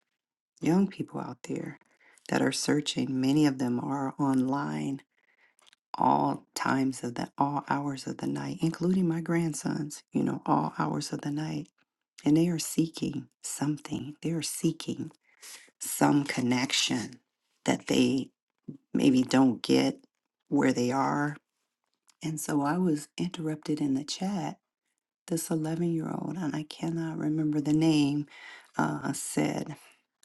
Speaker 1: young people out there that are searching many of them are online all times of the all hours of the night including my grandsons you know all hours of the night and they are seeking something they are seeking some connection that they maybe don't get where they are. And so I was interrupted in the chat. This 11 year old, and I cannot remember the name, uh, said,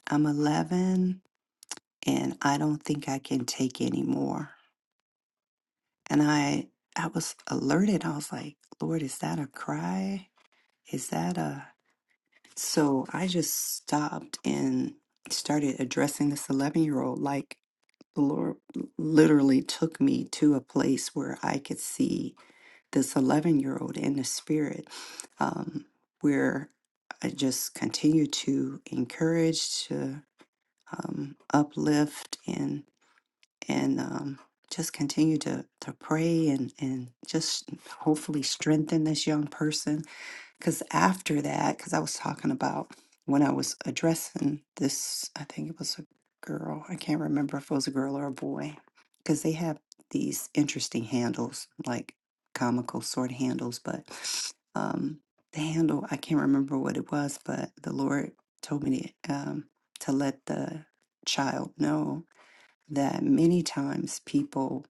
Speaker 1: I'm 11 and I don't think I can take anymore. And I, I was alerted. I was like, Lord, is that a cry? Is that a. So I just stopped and started addressing this 11 year old like the Lord literally took me to a place where I could see this 11 year old in the spirit, um, where I just continue to encourage, to um, uplift, and and um, just continue to to pray and and just hopefully strengthen this young person because after that, because I was talking about when I was addressing this, I think it was a girl. I can't remember if it was a girl or a boy, because they have these interesting handles, like comical sort of handles. But um, the handle, I can't remember what it was, but the Lord told me to, um, to let the child know that many times people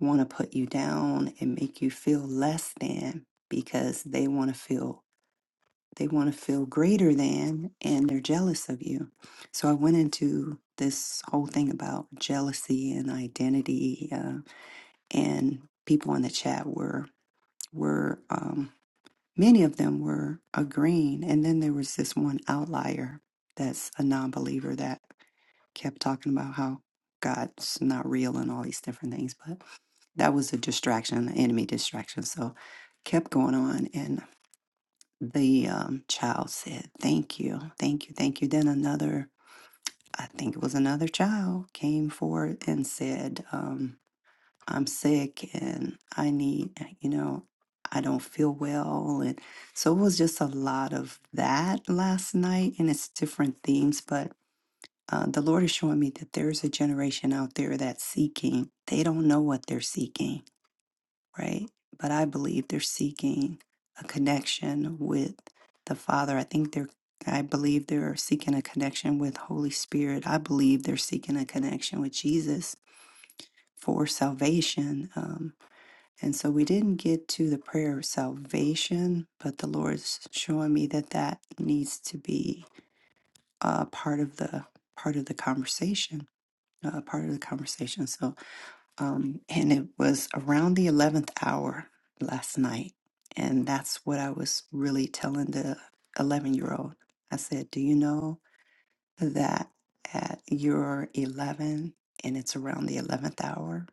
Speaker 1: want to put you down and make you feel less than because they want to feel they want to feel greater than and they're jealous of you. So I went into this whole thing about jealousy and identity, uh, and people in the chat were were um, many of them were agreeing, and then there was this one outlier that's a non-believer that kept talking about how God's not real and all these different things, but that was a distraction, an enemy distraction. So kept going on, and the um, child said, Thank you, thank you, thank you. Then another, I think it was another child, came forward and said, um, I'm sick and I need, uh, you know, I don't feel well. And so it was just a lot of that last night, and it's different themes, but. Uh, the Lord is showing me that there's a generation out there that's seeking. They don't know what they're seeking right? But I believe they're seeking a connection with the Father. I think they're, I believe they're seeking a connection with Holy Spirit. I believe they're seeking a connection with Jesus for salvation. Um, and so we didn't get to the prayer of salvation, but the Lord's showing me that that needs to be uh, part of the part of the conversation, uh, part of the conversation. So um, and it was around the 11th hour last night. And that's what I was really telling the 11 year old. I said, Do you know that at your 11 and it's around the 11th hour?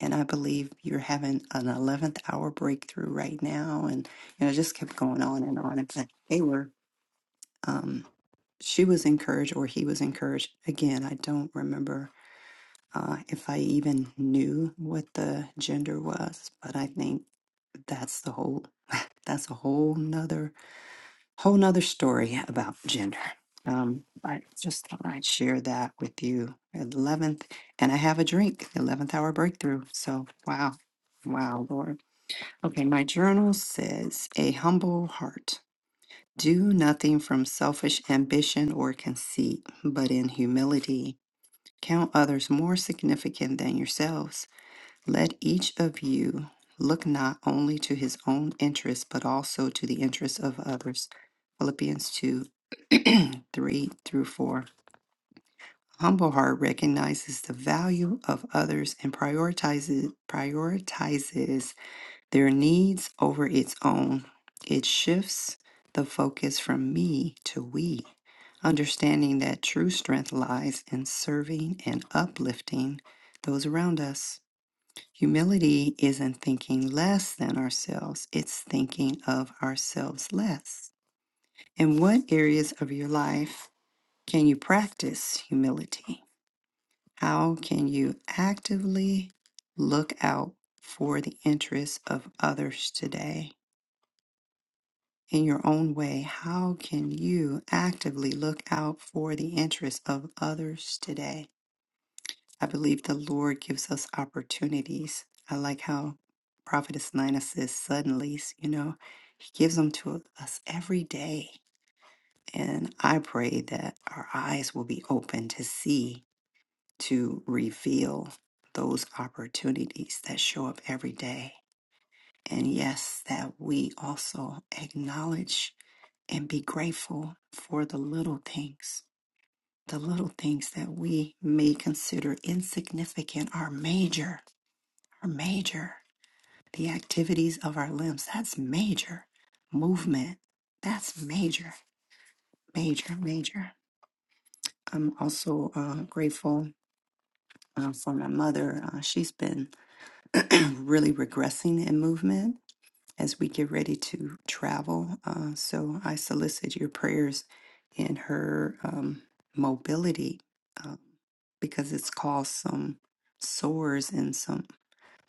Speaker 1: And I believe you're having an 11th hour breakthrough right now. And, you know, it just kept going on and on. And they were, um, she was encouraged or he was encouraged. Again, I don't remember uh, if I even knew what the gender was, but I think that's the whole that's a whole nother whole nother story about gender. Um, I just thought I'd share that with you. Eleventh, and I have a drink. Eleventh hour breakthrough. So wow, wow, Lord. Okay, my journal says a humble heart. Do nothing from selfish ambition or conceit, but in humility count others more significant than yourselves let each of you look not only to his own interests, but also to the interests of others. Philippians 2 3 through 4. Humble heart recognizes the value of others and prioritizes, prioritizes their needs over its own. It shifts the focus from me to we, understanding that true strength lies in serving and uplifting those around us. Humility isn't thinking less than ourselves, it's thinking of ourselves less. In what areas of your life can you practice humility? How can you actively look out for the interests of others today? In your own way, how can you actively look out for the interests of others today? I believe the Lord gives us opportunities. I like how Prophetess Nina says, suddenly, you know, He gives them to us every day. And I pray that our eyes will be open to see, to reveal those opportunities that show up every day. And yes, that we also acknowledge and be grateful for the little things. The little things that we may consider insignificant are major are major. The activities of our limbs, that's major. Movement, that's major, major, major. I'm also uh, grateful uh, for my mother. Uh, she's been really regressing in movement as we get ready to travel. Uh, so I solicit your prayers in her um, mobility uh, because it's caused some sores in some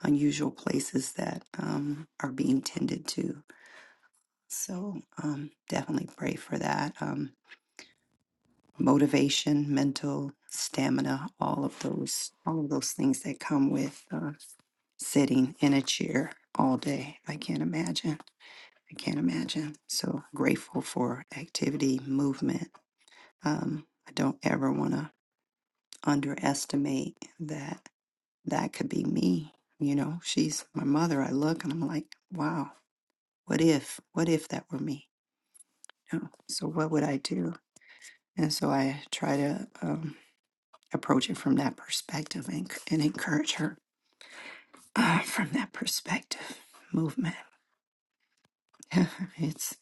Speaker 1: unusual places that um, are being tended to So um, definitely pray for that. Um, motivation, mental stamina, all of those, all of those things that come with uh, sitting in a chair all day. I can't imagine. I can't imagine. So grateful for activity, movement. Um, I don't ever want to underestimate that. That could be me. You know, she's my mother. I look and I'm like, wow. What if? What if that were me? You know, so what would I do? And so I try to um, approach it from that perspective and, and encourage her uh, from that perspective. Movement. it's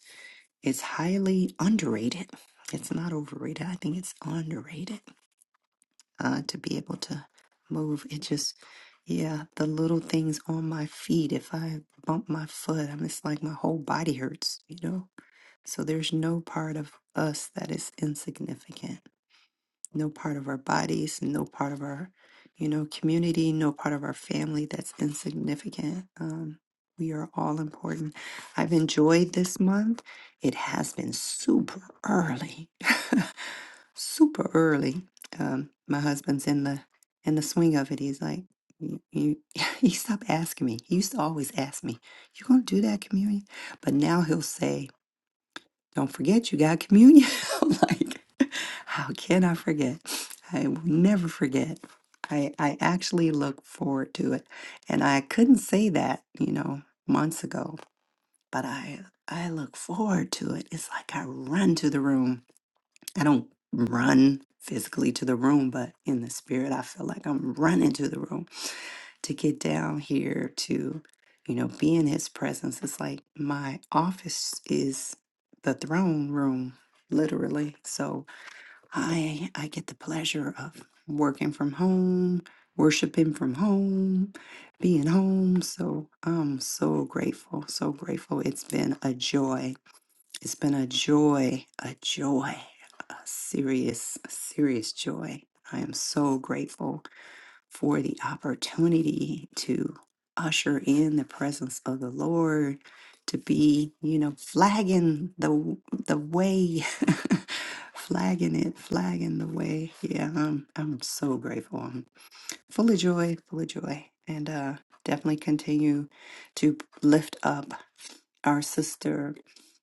Speaker 1: it's highly underrated. It's not overrated. I think it's underrated uh, to be able to move. It just, yeah, the little things on my feet. If I bump my foot, I'm it's like my whole body hurts. You know. So there's no part of us that is insignificant no part of our bodies, no part of our, you know, community, no part of our family that's insignificant. Um, we are all important. I've enjoyed this month. It has been super early, super early. Um, my husband's in the in the swing of it. He's like, you, you, he stopped asking me. He used to always ask me, "You gonna do that communion?" But now he'll say, don't forget you got communion. I'm like, how can I forget? I will never forget. I, I actually look forward to it. And I couldn't say that, you know, months ago, but I I look forward to it. It's like I run to the room. I don't run physically to the room, but in the spirit I feel like I'm running to the room to get down here to, you know, be in his presence. It's like my office is the throne room, literally. So I I get the pleasure of working from home, worshiping from home, being home. So I'm so grateful, so grateful. It's been a joy. It's been a joy, a joy, a serious, a serious joy. I am so grateful for the opportunity to usher in the presence of the Lord, to be, you know, flagging the w- the way, flagging it, flagging the way. Yeah, I'm I'm so grateful. I'm full of joy, full of joy, and uh, definitely continue to lift up our sister,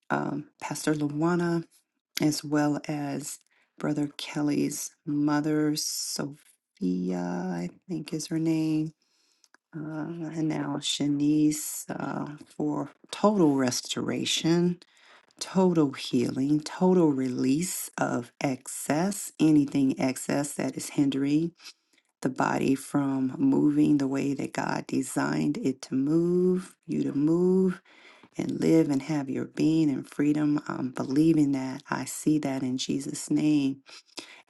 Speaker 1: um, Pastor Luana as well as Brother Kelly's mother, Sophia, I think is her name, uh, and now Shanice uh, for total restoration, total healing, total release of excess, anything excess that is hindering the body from moving the way that God designed it to move, you to move and live and have your being and freedom. I'm believing that. I see that in Jesus' name.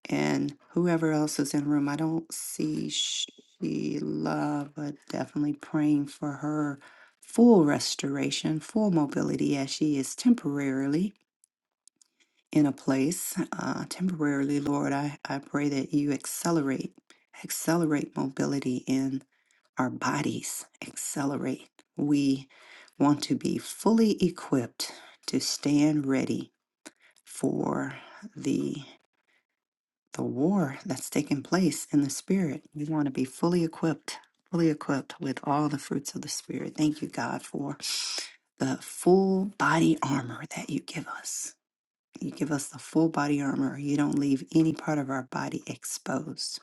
Speaker 1: And whoever else is in the room, I don't see Sheila, but definitely praying for her full restoration, full mobility as she is temporarily in a place. Uh, temporarily, Lord, I, I pray that you accelerate, accelerate mobility in our bodies accelerate. We want to be fully equipped to stand ready for the the war that's taking place in the spirit. We want to be fully equipped, fully equipped with all the fruits of the spirit. Thank you, God, for the full body armor that you give us. You give us the full body armor. You don't leave any part of our body exposed.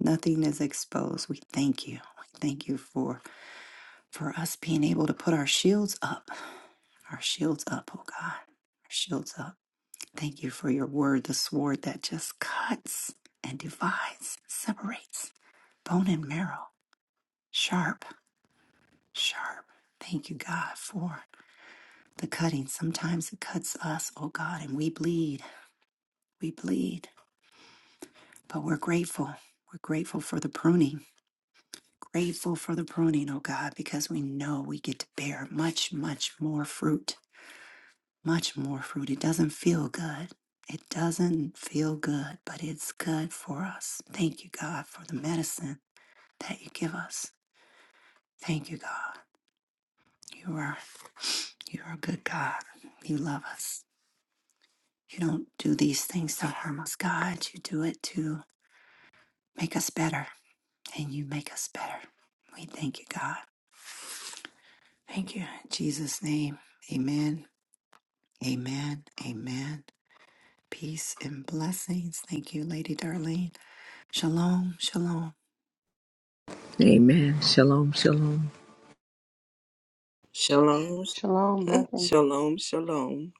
Speaker 1: Nothing is exposed. We thank you. We thank you for for us being able to put our shields up, our shields up, oh God, our shields up. Thank you for your word, the sword that just cuts and divides, separates bone and marrow, sharp, sharp. Thank you, God, for the cutting. Sometimes it cuts us, oh God, and we bleed, we bleed, but we're grateful. We're grateful for the pruning. Grateful for the pruning, oh God, because we know we get to bear much, much more fruit much more fruit. It doesn't feel good. It doesn't feel good, but it's good for us. Thank you, God, for the medicine that you give us. Thank you, God. You are you are a good God. You love us. You don't do these things to harm us, God. You do it to make us better, and you make us better. We thank you, God. Thank you in Jesus' name. Amen. Amen. Amen. Peace and blessings. Thank you, Lady Darlene. Shalom. Shalom.
Speaker 2: Amen. Shalom, shalom.
Speaker 3: Shalom,
Speaker 4: Shalom, blessings.
Speaker 3: shalom, shalom.